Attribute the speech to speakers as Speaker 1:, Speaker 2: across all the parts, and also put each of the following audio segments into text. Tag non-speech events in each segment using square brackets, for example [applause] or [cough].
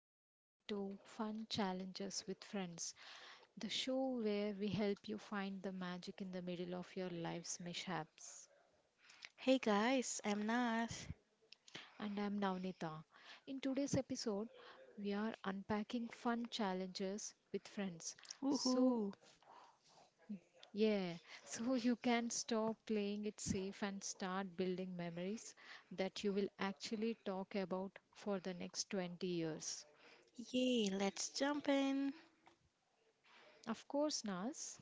Speaker 1: you're listening to Fun Challenges with Friends, the show where we help you find the magic in the middle of your life's mishaps.
Speaker 2: Hey guys, I'm Nas.
Speaker 1: And I'm Navnita. In today's episode, we are unpacking fun challenges with friends. So,
Speaker 2: Woohoo!
Speaker 1: yeah, [laughs] so you can stop playing it safe and start building memories that you will actually talk about for the next 20 years.
Speaker 2: Yay, let's jump in.
Speaker 1: Of course, Nas.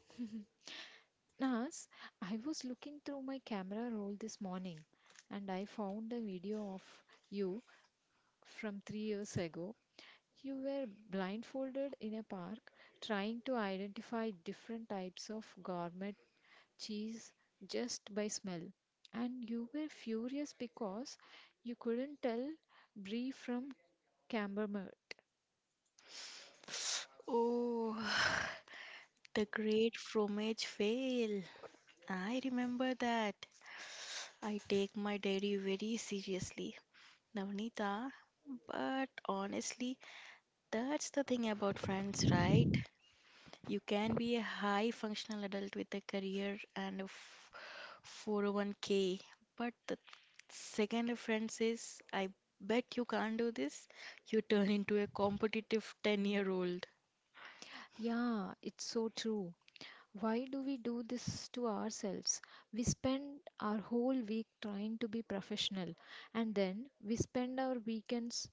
Speaker 1: Nas, I was looking through my camera roll this morning and I found a video of you from 3 years ago. You were blindfolded in a park trying to identify different types of gourmet cheese just by smell. And you were furious because you couldn't tell brie from camembert.
Speaker 2: Oh, [sighs] the great fromage fail. I remember that. I take my dairy very seriously, Navnita. But honestly, that's the thing about friends, right? You can be a high functional adult with a career and a 401k, but the second a friend says, I bet you can't do this, you turn into a competitive 10-year-old.
Speaker 1: Yeah, it's so true. Why do we do this to ourselves? We spend our whole week trying to be professional, and then we spend our weekends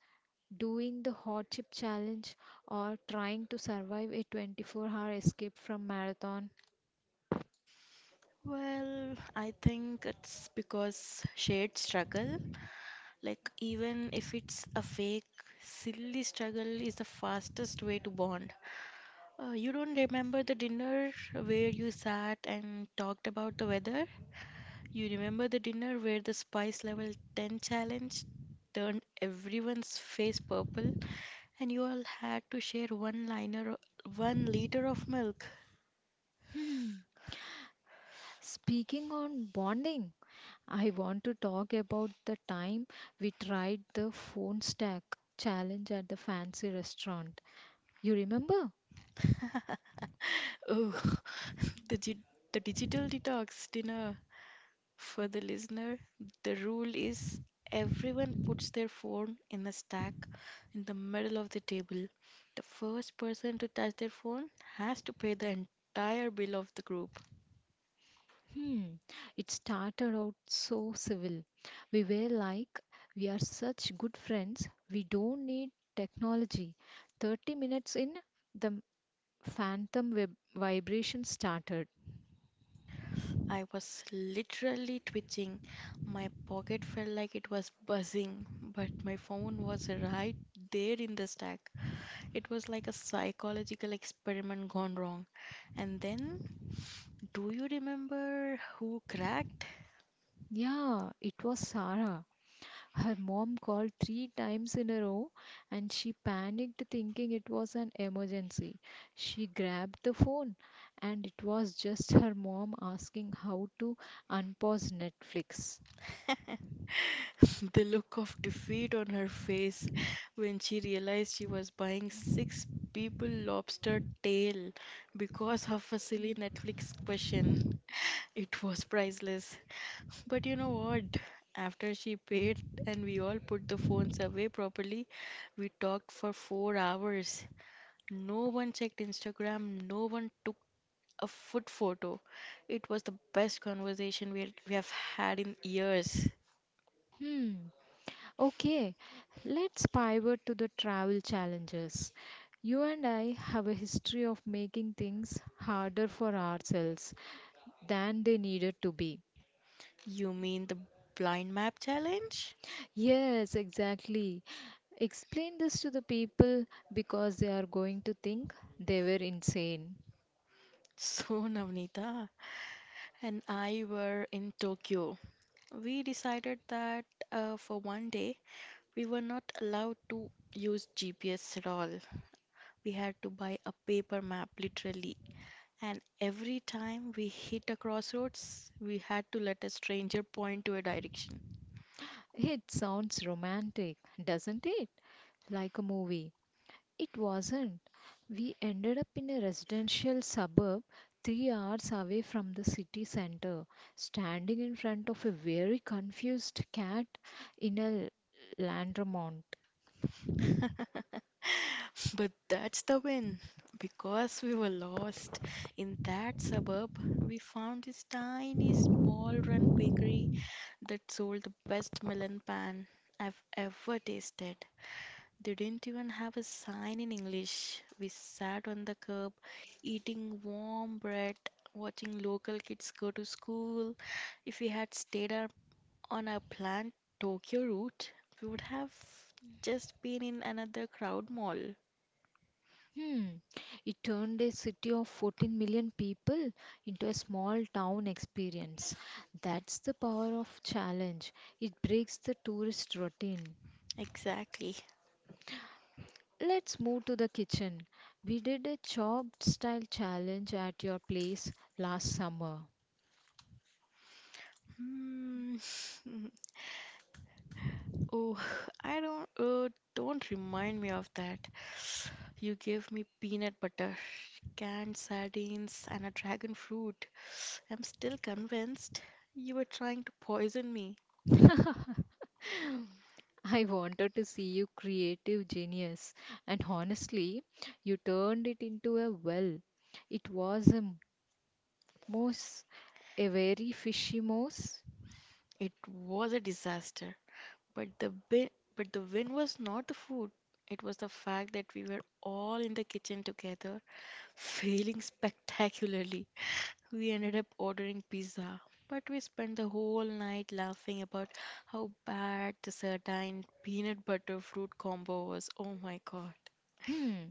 Speaker 1: doing the hot chip challenge or trying to survive a 24-hour escape from marathon.
Speaker 2: Well, I think it's because shared struggle, like even if it's a fake, silly struggle is the fastest way to bond. You don't remember the dinner where you sat and talked about the weather? You remember the dinner where the spice level 10 challenge turned everyone's face purple and you all had to share 1 liter of milk?
Speaker 1: Hmm. Speaking on bonding, I want to talk about the time we tried the phone stack challenge at the fancy restaurant. You remember?
Speaker 2: Oh, [laughs] the, gi- the digital detox dinner. For the listener, the rule is everyone puts their phone in a stack in the middle of the table. The first person to touch their phone has to pay the entire bill of the group.
Speaker 1: Hmm. It started out so civil. We were like, we are such good friends. We don't need technology. 30 minutes in, the vibration started.
Speaker 2: I was literally twitching. My pocket felt like it was buzzing, but my phone was right there in the stack. It was like a psychological experiment gone wrong. And then, do you remember who cracked?
Speaker 1: Yeah, it was Sarah. Her mom called three times in a row and she panicked thinking it was an emergency. She grabbed the phone and it was just her mom asking how to unpause Netflix.
Speaker 2: [laughs] The look of defeat on her face when she realized she was buying six people lobster tail because of a silly Netflix question. It was priceless. But you know what? After she paid and we all put the phones away properly, we talked for 4 hours. No one checked Instagram, no one took a food photo. It was the best conversation we have had in years.
Speaker 1: Hmm. Okay, let's pivot to the travel challenges. You and I have a history of making things harder for ourselves than they needed to be.
Speaker 2: You mean the blind map challenge? [laughs]
Speaker 1: Yes, exactly. Explain this to the people because they are going to think they were insane.
Speaker 2: So, Navnita and I were in Tokyo. We decided that for one day we were not allowed to use GPS at all. We had to buy a paper map literally. And every time we hit a crossroads, we had to let a stranger point to a direction. [laughs]
Speaker 1: It sounds romantic, doesn't it? Like a movie. It wasn't. We ended up in a residential suburb 3 hours away from the city center, standing in front of a very confused cat in a laundromat.
Speaker 2: But that's the win. Because we were lost in that suburb, we found this tiny small run bakery that sold the best melon pan I've ever tasted. They didn't even have a sign in English. We sat on the curb, eating warm bread, watching local kids go to school. If we had stayed up on our planned Tokyo route, we would have just been in another crowd mall.
Speaker 1: Hmm. It turned a city of 14 million people into a small town experience. That's the power of challenge. It breaks the tourist routine.
Speaker 2: Exactly.
Speaker 1: Let's move to the kitchen. We did a chopped style challenge at your place last summer.
Speaker 2: Hmm. [laughs] Oh, I don't. Don't remind me of that. You gave me peanut butter, canned sardines, and a dragon fruit. I'm still convinced you were trying to poison me.
Speaker 1: [laughs] I wanted to see you creative genius, and honestly, you turned it into a well. It was a moose, a very fishy moose.
Speaker 2: It was a disaster, but but the win was not the food. It was the fact that we were all in the kitchen together, [laughs] failing spectacularly. We ended up ordering pizza, but we spent the whole night laughing about how bad the sardine peanut butter fruit combo was. Oh my god.
Speaker 1: Hmm,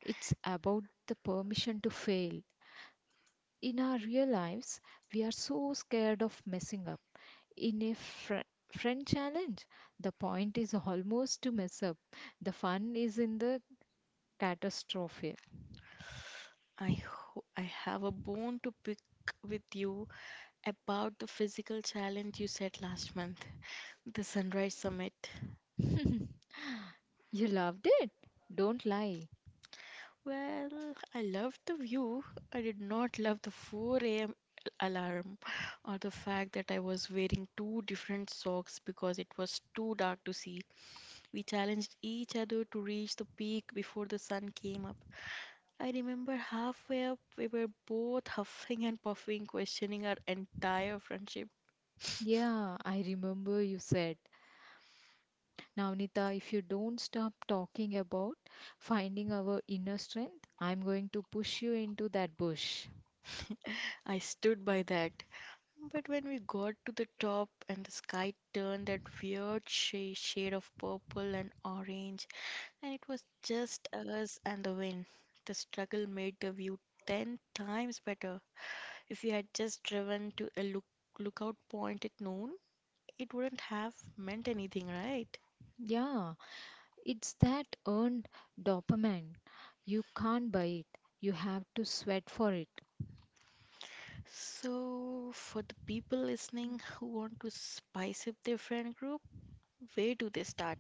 Speaker 1: it's about the permission to fail. In our real lives, we are so scared of messing up. In a friend challenge, the point is almost to mess up. The fun is in the catastrophe.
Speaker 2: I have a bone to pick with you about the physical challenge you set last month, the Sunrise Summit.
Speaker 1: You loved it? Don't lie.
Speaker 2: Well, I loved the view. I did not love the 4 a.m. alarm or the fact that I was wearing two different socks because it was too dark to see. We challenged each other to reach the peak before the sun came up. I remember halfway up, we were both huffing and puffing, questioning our entire friendship.
Speaker 1: Yeah, I remember you said, Navnita, if you don't stop talking about finding our inner strength, I'm going to push you into that bush.
Speaker 2: I stood by that. But when we got to the top and the sky turned that weird shade of purple and orange, and it was just us and the wind, the struggle made the view ten times better. If we had just driven to a lookout point at noon, it wouldn't have meant anything, right?
Speaker 1: Yeah, it's that earned dopamine. You can't buy it, you have to sweat for it.
Speaker 2: So, for the people listening who want to spice up their friend group, where do they start?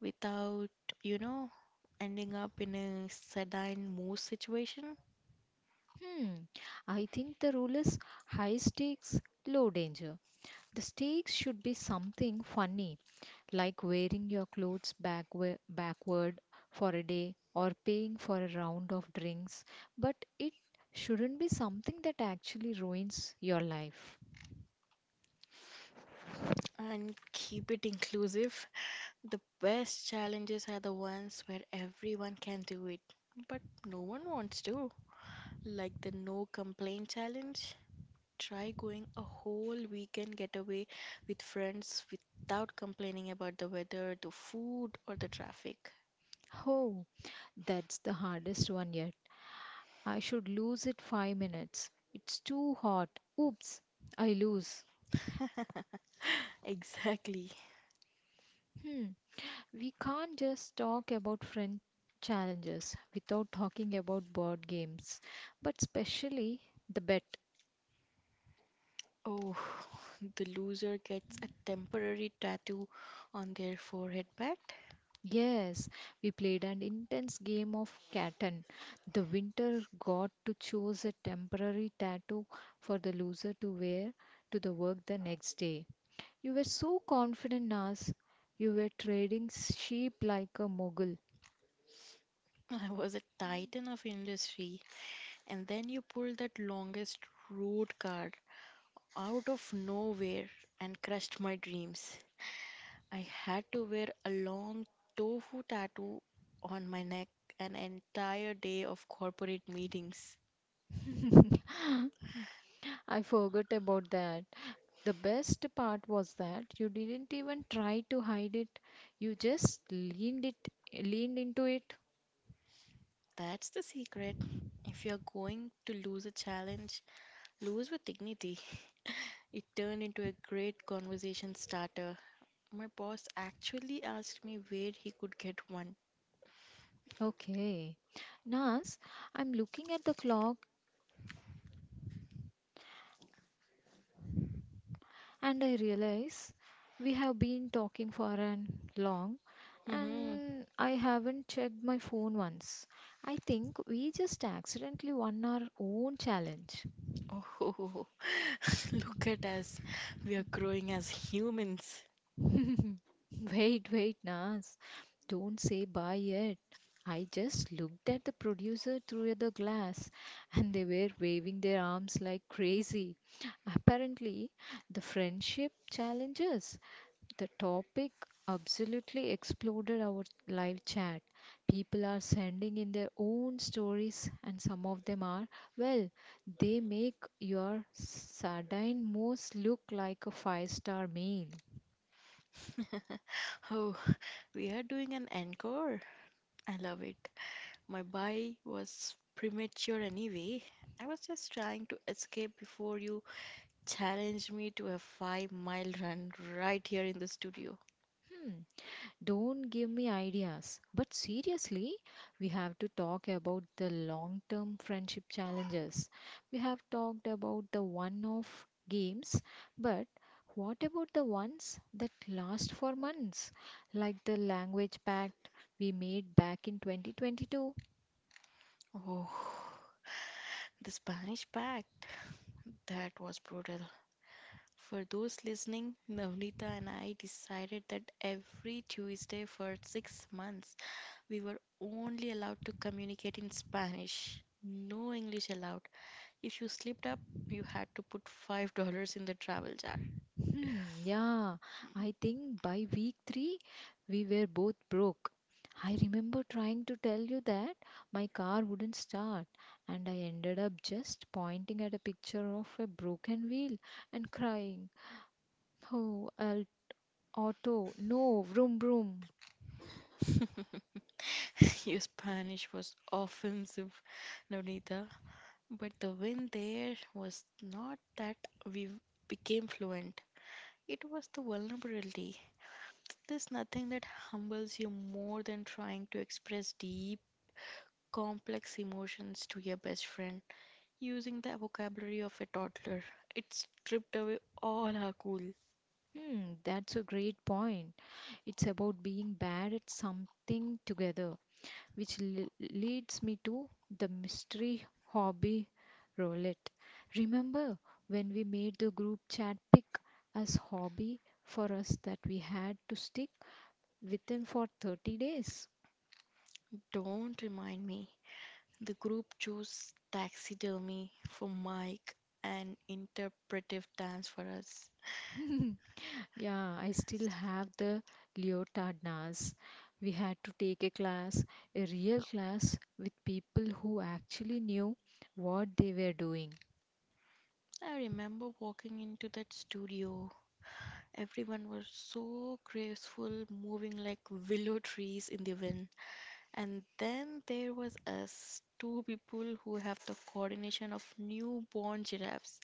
Speaker 2: Without, you know, ending up in a sadine mood situation,
Speaker 1: Hmm, I think the rule is high stakes, low danger. The stakes should be something funny like wearing your clothes backward for a day or paying for a round of drinks, but it shouldn't be something that actually ruins your life.
Speaker 2: and keep it inclusive. The best challenges are the ones where everyone can do it, but no one wants to. Like the no complaint challenge. Try going a whole weekend getaway with friends without complaining about the weather, the food, or the traffic.
Speaker 1: Oh, that's the hardest one yet. I should lose it 5 minutes. It's too hot. Oops, I lose.
Speaker 2: [laughs] Exactly.
Speaker 1: Hmm. We can't just talk about friend challenges without talking about board games, but especially the bet.
Speaker 2: Oh, [laughs] the loser gets a temporary tattoo on their forehead. But
Speaker 1: Yes, we played an intense game of Catan. The winner got to choose a temporary tattoo for the loser to wear to the work the next day. You were so confident, Nas. You were trading sheep like a mogul.
Speaker 2: [laughs] I was a titan of industry, and then you pulled that longest road card out of nowhere and crushed my dreams. I had to wear a long tofu tattoo on my neck an entire day of corporate meetings.
Speaker 1: I forgot about that. The best part was that you didn't even try to hide it. You just leaned into it.
Speaker 2: That's the secret. If you're going to lose a challenge, lose with dignity. It turned into a great conversation starter. My boss actually asked me where he could get one.
Speaker 1: Okay. Nas, I'm looking at the clock, and I realize we have been talking for an long
Speaker 2: Hmm.
Speaker 1: and I haven't checked my phone once. I think we just accidentally won our own challenge.
Speaker 2: Oh, [laughs] look at us. We are growing as humans.
Speaker 1: [laughs] Wait, wait, Nas. Don't say bye yet. I just looked at the producer through the glass and they were waving their arms like crazy. Apparently, the friendship challenges the topic absolutely exploded our live chat. People are sending in their own stories, and some of them are, well, they make your sardine mousse look like a five-star meal.
Speaker 2: [laughs] Oh, we are doing an encore. I love it. My buy was premature anyway. I was just trying to escape before you challenged me to a 5 mile run right here in the studio.
Speaker 1: Hmm. Don't give me ideas. But seriously, we have to talk about the long term friendship challenges. We have talked about the one off games, but what about the ones that last for months, like the language pact we made back in 2022?
Speaker 2: Oh, the Spanish Pact. That was brutal. For those listening, Navnita and I decided that every Tuesday for 6 months, we were only allowed to communicate in Spanish. No English allowed. If you slipped up, you had to put $5 in the travel jar.
Speaker 1: Hmm, yeah, I think by week three we were both broke. I remember trying to tell you that my car wouldn't start, and I ended up just pointing at a picture of a broken wheel and crying, "Oh, Al auto, no, vroom vroom."
Speaker 2: [laughs] Your Spanish was offensive, Navnita. But the win there was not that we became fluent, it was the vulnerability. There's nothing that humbles you more than trying to express deep, complex emotions to your best friend using the vocabulary of a toddler. It stripped away all our cool.
Speaker 1: Hmm, that's a great point. It's about being bad at something together, which le- leads me to the mystery hobby roulette. Remember when we made the group chat pick as hobby for us that we had to stick within for 30 days?
Speaker 2: Don't remind me. The group chose taxidermy for Mike and interpretive dance for us.
Speaker 1: Yeah, I still have the leotard, NAS. We had to take a class, a real class with people who actually knew what they were doing.
Speaker 2: I remember walking into that studio. Everyone was so graceful, moving like willow trees in the wind. And then there was us, two people who have the coordination of newborn giraffes,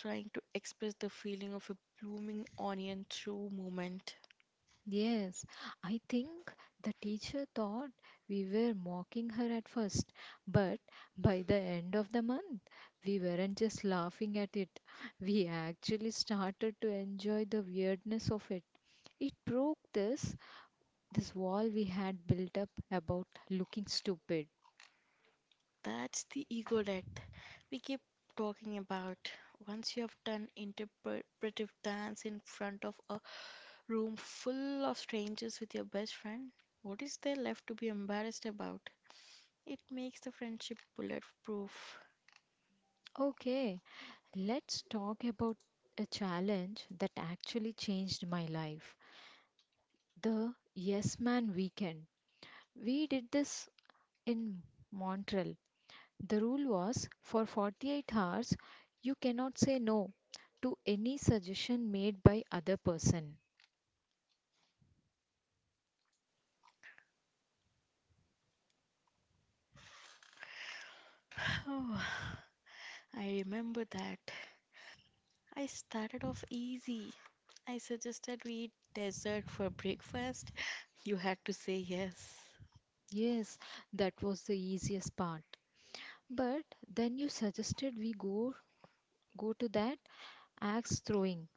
Speaker 2: trying to express the feeling of a blooming onion through movement.
Speaker 1: Yes, I think the teacher thought we were mocking her at first, but by the end of the month, we weren't just laughing at it. We actually started to enjoy the weirdness of it. It broke this wall we had built up about looking stupid.
Speaker 2: That's the ego death we keep talking about. Once you have done interpretive dance in front of a room full of strangers with your best friend, what is there left to be embarrassed about? It makes the friendship bulletproof. [sighs]
Speaker 1: Okay, let's talk about a challenge that actually changed my life. The Yes Man Weekend. We did this in Montreal, the rule was for 48 hours you cannot say no to any suggestion made by other person.
Speaker 2: Oh, I remember that. I started off easy. I suggested we eat dessert for breakfast. [laughs] You had to say yes.
Speaker 1: Yes, that was the easiest part. But then you suggested we go to that axe throwing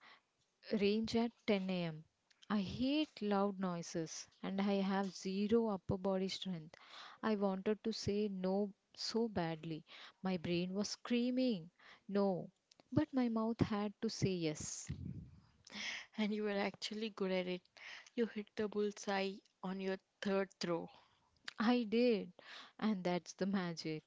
Speaker 1: range at 10 a.m. I hate loud noises and I have zero upper body strength. I wanted to say no so badly. My brain was screaming no, but my mouth had to say yes.
Speaker 2: And you were actually good at it. You hit the bullseye on your third throw.
Speaker 1: I did, and that's the magic.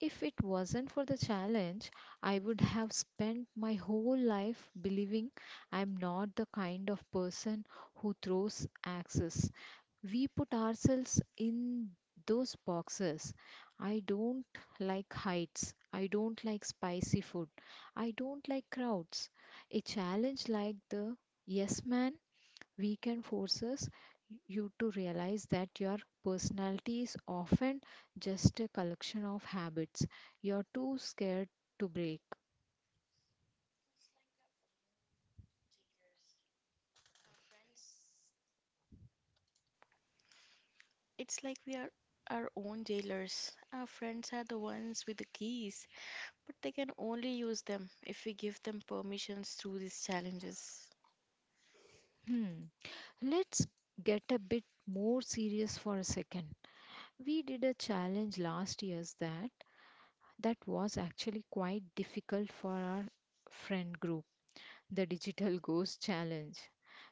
Speaker 1: If it wasn't for the challenge, I would have spent my whole life believing I'm not the kind of person who throws axes. We put ourselves in those boxes. I don't like heights. I don't like spicy food. I don't like crowds. A challenge like the Yes Man Weekend forces you to realize that your personality is often just a collection of habits you're too scared to break.
Speaker 2: It's like we are our own jailers. Our friends are the ones with the keys, but they can only use them if we give them permissions through these challenges.
Speaker 1: Hmm. Let's get a bit more serious for a second. We did a challenge last year's that was actually quite difficult for our friend group, the Digital [laughs] Ghost Challenge.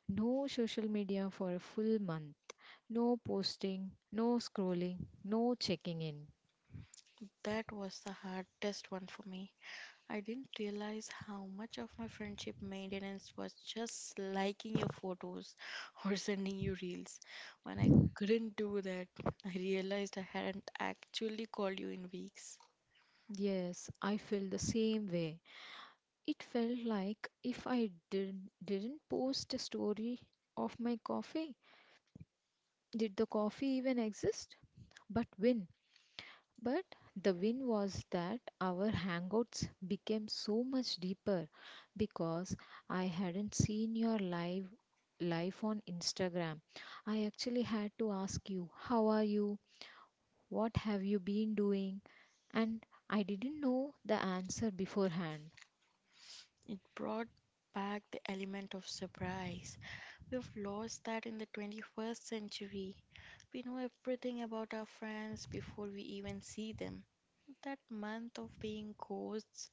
Speaker 1: No social media for a full month. No posting, no scrolling, no checking in.
Speaker 2: That was the hardest one for me. I didn't realize how much of my friendship maintenance was just liking your photos [laughs] or sending you reels. When I couldn't do that, I realized I hadn't actually called you in weeks.
Speaker 1: Yes, I feel the same way. It felt like if I did, didn't post a story of my coffee, did the coffee even exist? But win. But the win was that our hangouts became so much deeper because I hadn't seen your live life on Instagram. I actually had to ask you, how are you? What have you been doing? And I didn't know the answer beforehand.
Speaker 2: It brought back the element of surprise. We've lost that in the 21st century. We know everything about our friends before we even see them. That month of being ghosts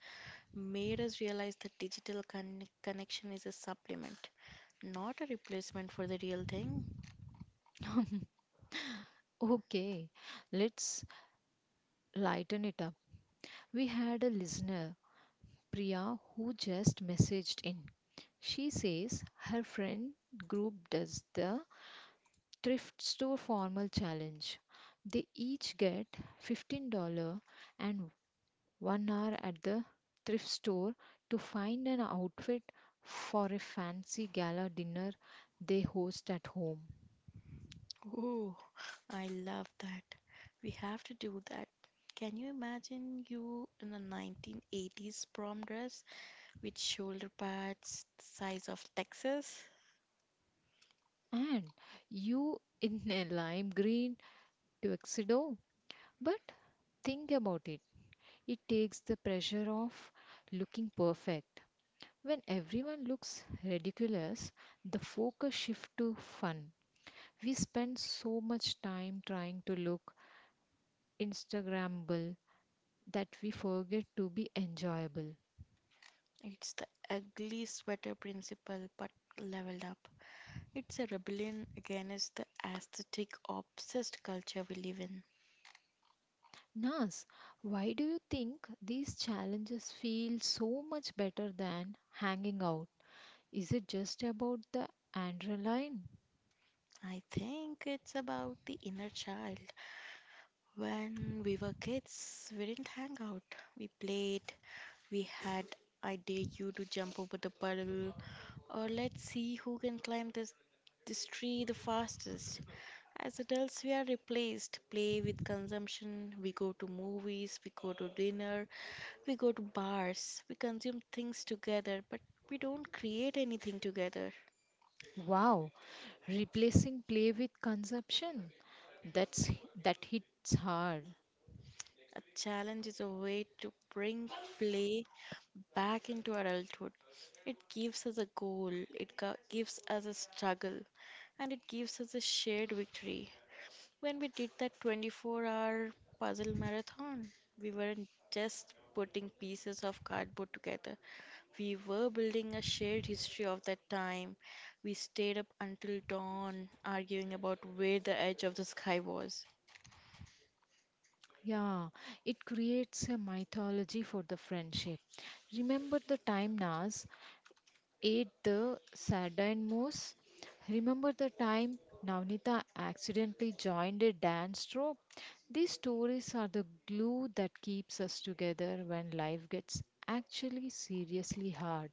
Speaker 2: made us realize that digital connection is a supplement, not a replacement for the real thing.
Speaker 1: [laughs] Okay, let's lighten it up. We had a listener, Priya, who just messaged in. She says her friend group does the thrift store formal challenge. They each get $15 and 1 hour at the thrift store to find an outfit for a fancy gala dinner they host at home.
Speaker 2: Oh, I love that. We have to do that. Can you imagine you in a 1980s prom dress with shoulder pads the size of Texas?
Speaker 1: And you in a lime green tuxedo. But think about it, it takes the pressure off looking perfect. When everyone looks ridiculous, the focus shifts to fun. We spend so much time trying to look Instagrammable that we forget to be enjoyable.
Speaker 2: It's the ugly sweater principle, but leveled up. It's a rebellion against the aesthetic obsessed culture we live in.
Speaker 1: Nas, why do you think these challenges feel so much better than hanging out? Is it just about the adrenaline?
Speaker 2: I think it's about the inner child. When we were kids, we didn't hang out. We played. We had I dare you to jump over the puddle, or let's see who can climb this tree the fastest. As adults, we are replaced. Play with consumption. We go to movies. We go to dinner. We go to bars. We consume things together, but we don't create anything together.
Speaker 1: Wow, replacing play with consumption. That's that hits hard.
Speaker 2: A challenge is a way to bring play back into adulthood. It gives us a goal, gives us a struggle, and it gives us a shared victory. When we did that 24-hour puzzle marathon, we weren't just putting pieces of cardboard together, we were building a shared history of that time. We stayed up until dawn, arguing about where the edge of the sky was.
Speaker 1: Yeah, it creates a mythology for the friendship. Remember the time Naz ate the sardine mousse? Remember the time Navnita accidentally joined a dance troupe? These stories are the glue that keeps us together when life gets actually seriously hard.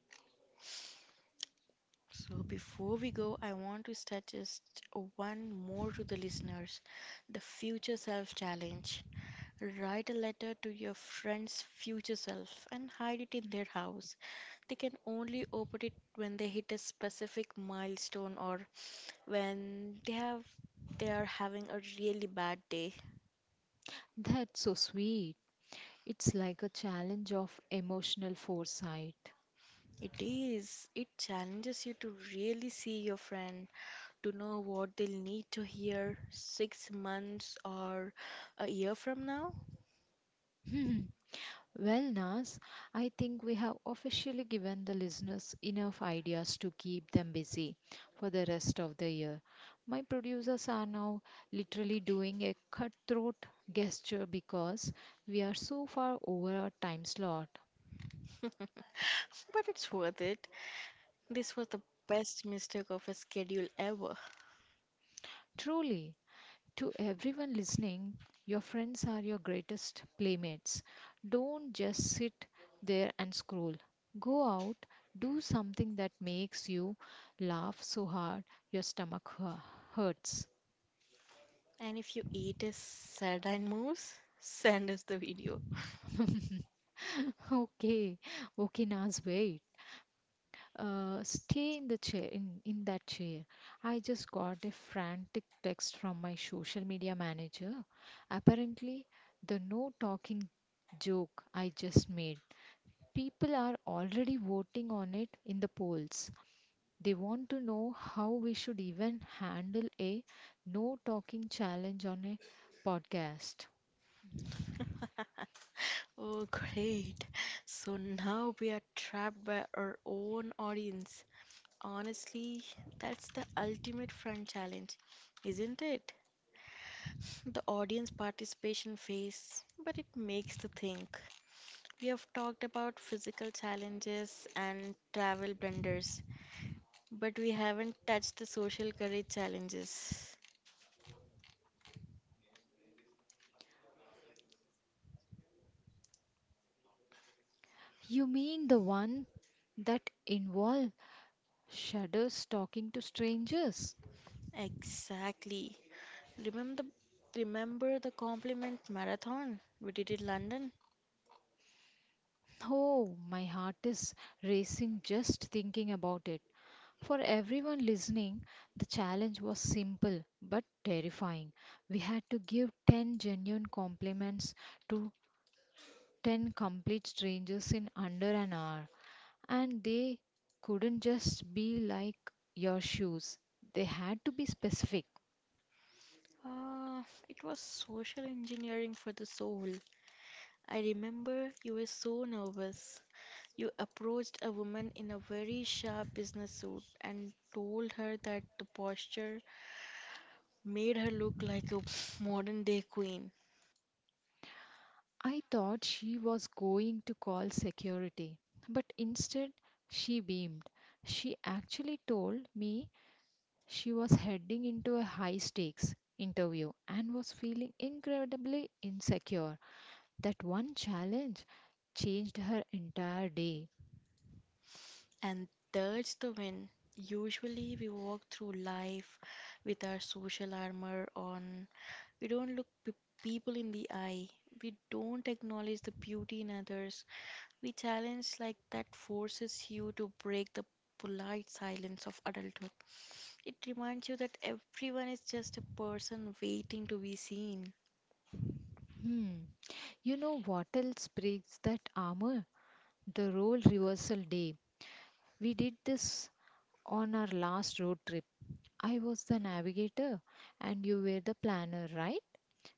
Speaker 2: So, before we go, I want to suggest one more to the listeners, the future self challenge. Write a letter to your friend's future self and hide it in their house. They can only open it when they hit a specific milestone or when they are having a really bad day.
Speaker 1: That's so sweet. It's like a challenge of emotional foresight.
Speaker 2: It is. It challenges you to really see your friend, to know what they'll need to hear 6 months or a year from now.
Speaker 1: [laughs] Well, Nas, I think we have officially given the listeners enough ideas to keep them busy for the rest of the year. My producers are now literally doing a cutthroat gesture because we are so far over our time slot.
Speaker 2: But it's worth it. This was the best mistake of a schedule ever.
Speaker 1: Truly, to everyone listening, your friends are your greatest playmates. Don't just sit there and scroll. Go out, do something that makes you laugh so hard your hurts.
Speaker 2: And if you eat a sardine mousse, send us the video.
Speaker 1: [laughs] Okay, okay, Naz, wait. Stay in the chair, in that chair. I just got a frantic text from my social media manager. Apparently, the no talking joke I just made, people are already voting on it in the polls. They want to know how we should even handle a no talking challenge on a podcast.
Speaker 2: [laughs] Oh, great. So now we are trapped by our own audience. Honestly, that's the ultimate fun challenge, isn't it? The audience participation phase, but it makes the think. We have talked about physical challenges and travel blunders, but we haven't touched the social courage challenges.
Speaker 1: You mean the one that involve shadows talking to strangers?
Speaker 2: Exactly. Remember the compliment marathon we did in London?
Speaker 1: Oh, my heart is racing just thinking about it. For everyone listening, the challenge was simple but terrifying. We had to give 10 genuine compliments to 10 complete strangers in under an hour. And they couldn't just be like your shoes, they had to be specific.
Speaker 2: Uh, it was social engineering for the soul. I remember you were so nervous. You approached a woman in a very sharp business suit and told her that the posture made her look like a modern day queen.
Speaker 1: I thought she was going to call security, but instead she beamed. She actually told me she was heading into a high stakes interview and was feeling incredibly insecure. That one challenge changed her entire day.
Speaker 2: And that's the win. Usually, we walk through life with our social armor on. We don't people in the eye. We don't acknowledge the beauty in others. We challenge like that forces you to break the polite silence of adulthood. It reminds you that everyone is just a person waiting to be seen.
Speaker 1: Hmm. You know what else breaks that armor? The role reversal day. We did this on our last road trip. I was the navigator and you were the planner, right?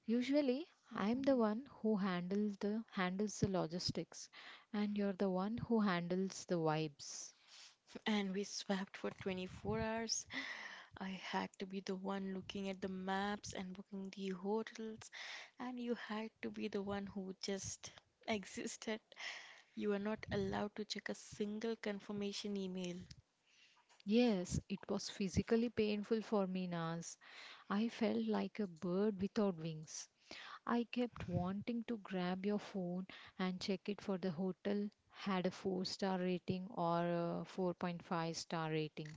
Speaker 1: Usually I'm the one who handles the logistics and you're the one who handles the vibes.
Speaker 2: And we swapped for 24 hours. I had to be the one looking at the maps and booking the hotels, and you had to be the one who just [laughs] existed. You were not allowed to check a single confirmation email,
Speaker 1: Yes, it was physically painful for me, Naz. I felt like a bird without wings. I kept wanting to grab your phone and check it for the hotel had a 4-star rating or a 4.5-star rating.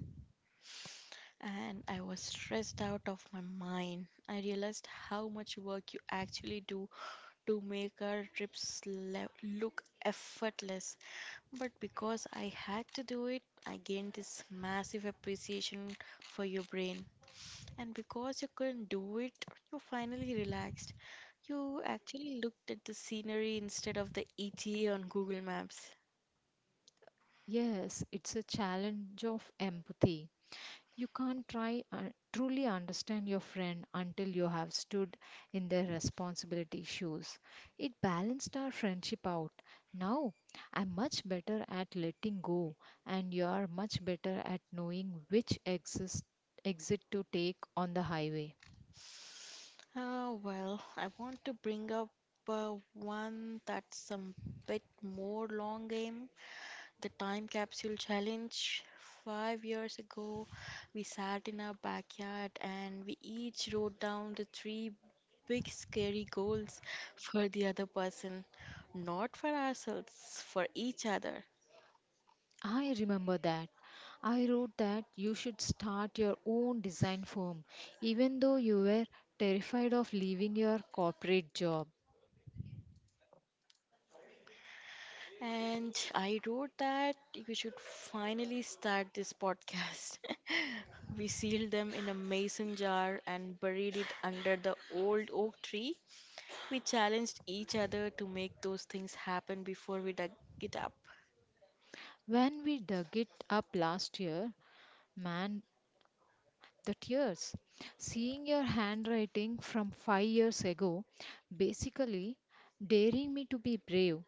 Speaker 2: and I was stressed out of my mind. I realized how much work you actually do to make our trips look effortless, but because I had to do it, I gained this massive appreciation for your brain. And because you couldn't do it, you finally relaxed. You actually looked at the scenery instead of the ETA on Google Maps.
Speaker 1: Yes, it's a challenge of empathy. You can't try and truly understand your friend until you have stood in their responsibility shoes. It balanced our friendship out. Now, I'm much better at letting go, and you're much better at knowing which exit to take on the highway.
Speaker 2: I want to bring up one that's a bit more long game, the time capsule challenge. 5 years ago, we sat in our backyard and we each wrote down the three big scary goals for the other person, not for ourselves, for each other.
Speaker 1: I remember that. I wrote that you should start your own design firm, even though you were terrified of leaving your corporate job.
Speaker 2: And I wrote that you should finally start this podcast. [laughs] We sealed them in a mason jar and buried it under the old oak tree. We challenged each other to make those things happen before we dug it up.
Speaker 1: When we dug it up last year, man, the tears. Seeing your handwriting from 5 years ago, basically daring me to be brave.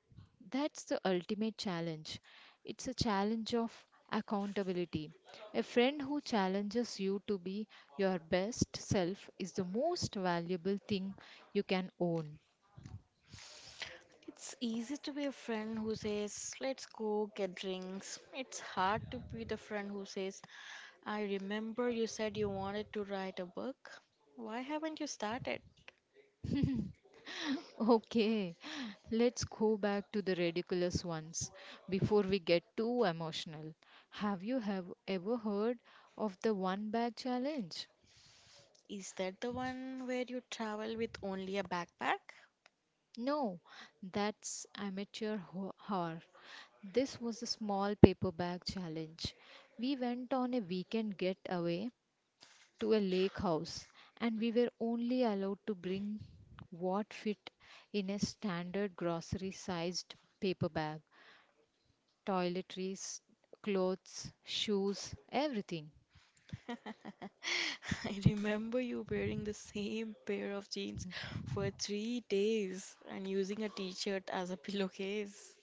Speaker 1: That's the ultimate challenge. It's a challenge of accountability. A friend who challenges you to be your best self is the most valuable thing you can own.
Speaker 2: It's easy to be a friend who says, "Let's go get drinks." It's hard to be the friend who says, "I remember you said you wanted to write a book. Why haven't you started?"
Speaker 1: [laughs] Okay, let's go back to the ridiculous ones before we get too emotional. Have you have ever heard of the one bag challenge?
Speaker 2: Is that the one where you travel with only a backpack?
Speaker 1: No, that's amateur horror. This was a small paper bag challenge. We went on a weekend getaway to a lake house and we were only allowed to bring what fit in a standard grocery sized paper bag. Toiletries, clothes, shoes, everything.
Speaker 2: [laughs] I remember you wearing the same pair of jeans for 3 days and using a t-shirt as a [laughs] pillowcase.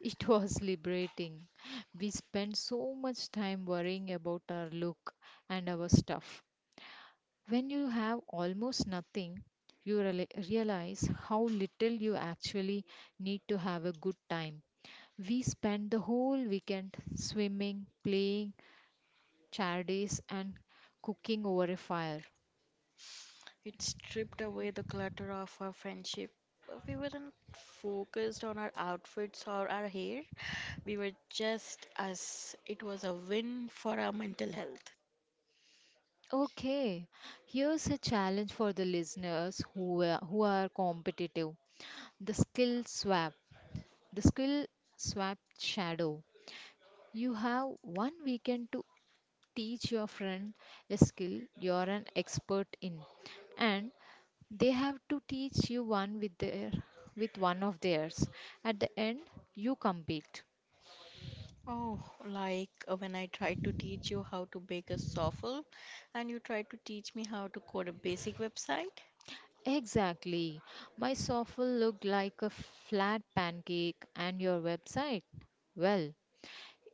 Speaker 1: It [laughs] was liberating. We spend so much time worrying about our look and our stuff. When you have almost nothing, you realize how little you actually need to have a good time. We spent the whole weekend swimming, playing charades, and cooking over a fire.
Speaker 2: It stripped away the clutter of our friendship. We weren't focused on our outfits or our hair. We were just us. It was a win for our mental health.
Speaker 1: Okay, here's a challenge for the listeners who are competitive. The skill swap, the skill swap shadow. You have one weekend to teach your friend a skill you're an expert in, and they have to teach you one with one of theirs. At the end, you compete.
Speaker 2: Oh, like when I tried to teach you how to bake a souffle and you tried to teach me how to code a basic website,
Speaker 1: Exactly. My soffle looked like a flat pancake, and your website? Well,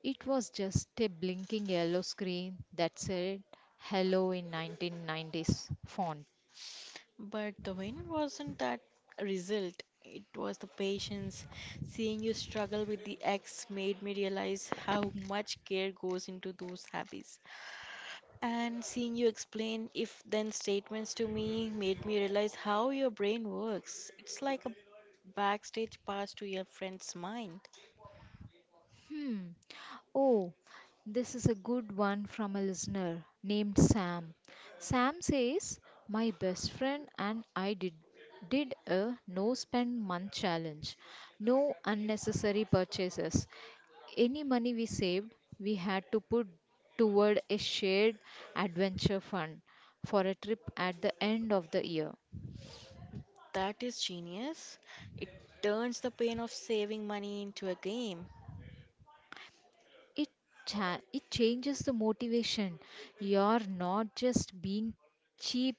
Speaker 1: it was just a blinking yellow screen that said hello in 1990s font.
Speaker 2: but the win wasn't that result. It was the patience. Seeing you struggle with the X made me realize how much care goes into those habits. And seeing you explain if then statements to me made me realize how your brain works. It's like a backstage pass to your friend's mind.
Speaker 1: Hmm. Oh, this is a good one from a listener named Sam. Sam says, my best friend and did a no spend month challenge. No unnecessary purchases. Any money we saved, we had to put toward a shared adventure fund for a trip at the end of the year.
Speaker 2: That is genius. It turns the pain of saving money into a game.
Speaker 1: it it changes the motivation. You're not just being cheap,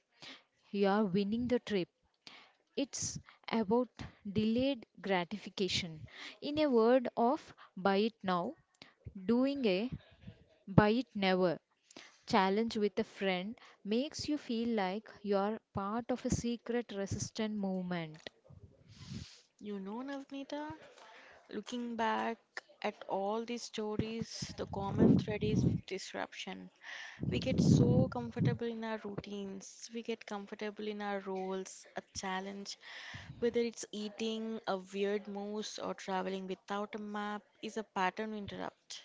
Speaker 1: you're winning the trip. It's about delayed gratification. In a word of buy it now, doing a buy it never challenge with a friend makes you feel like you're part of a secret resistant movement.
Speaker 2: You know, Navnita, looking back at all these stories, the common thread is disruption. We get so comfortable in our routines, we get comfortable in our roles, a challenge, whether it's eating a weird moose or traveling without a map, is a pattern we interrupt.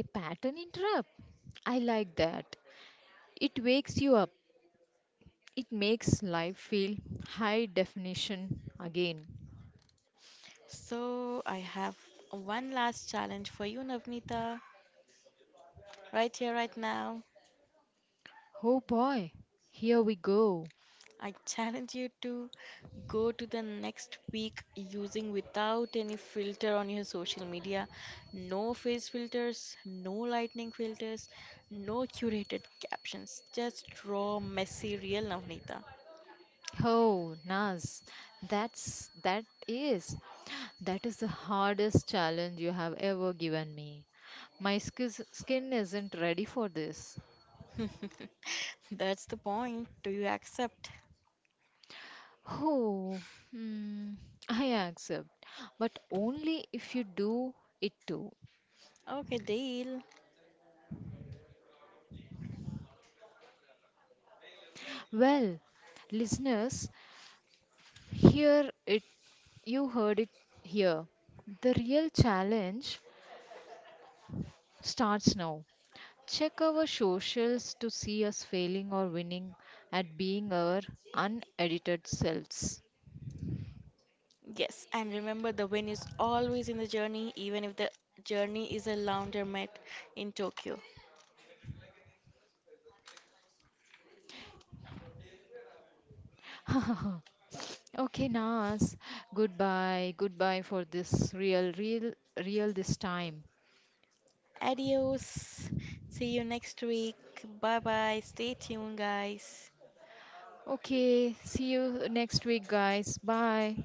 Speaker 1: A pattern interrupt, I like that. It wakes you up. It makes life feel high definition again.
Speaker 2: So, I have one last challenge for you, Navnita, right here, right now.
Speaker 1: Oh boy, here we go.
Speaker 2: I challenge you to go to the next week using without any filter on your social media. No face filters, no lightning filters, no curated captions. Just raw, messy, real Navneeta.
Speaker 1: Oh, Naz, that's that is that is the hardest challenge you have ever given me. My skin isn't ready for this.
Speaker 2: [laughs] That's the point. Do you accept?
Speaker 1: Oh, hmm, I accept, but only if you do it too.
Speaker 2: Okay, deal.
Speaker 1: Well, listeners, here it you heard it here. The real challenge starts now. Check our socials to see us failing or winning at being our unedited selves.
Speaker 2: Yes, and remember the win is always in the journey, even if the journey is a laundromat in Tokyo.
Speaker 1: [laughs] Okay, Nas. Goodbye. Goodbye for this real, real, real this time.
Speaker 2: Adios. See you next week. Bye bye. Stay tuned, guys.
Speaker 1: Okay, see you next week, guys. Bye.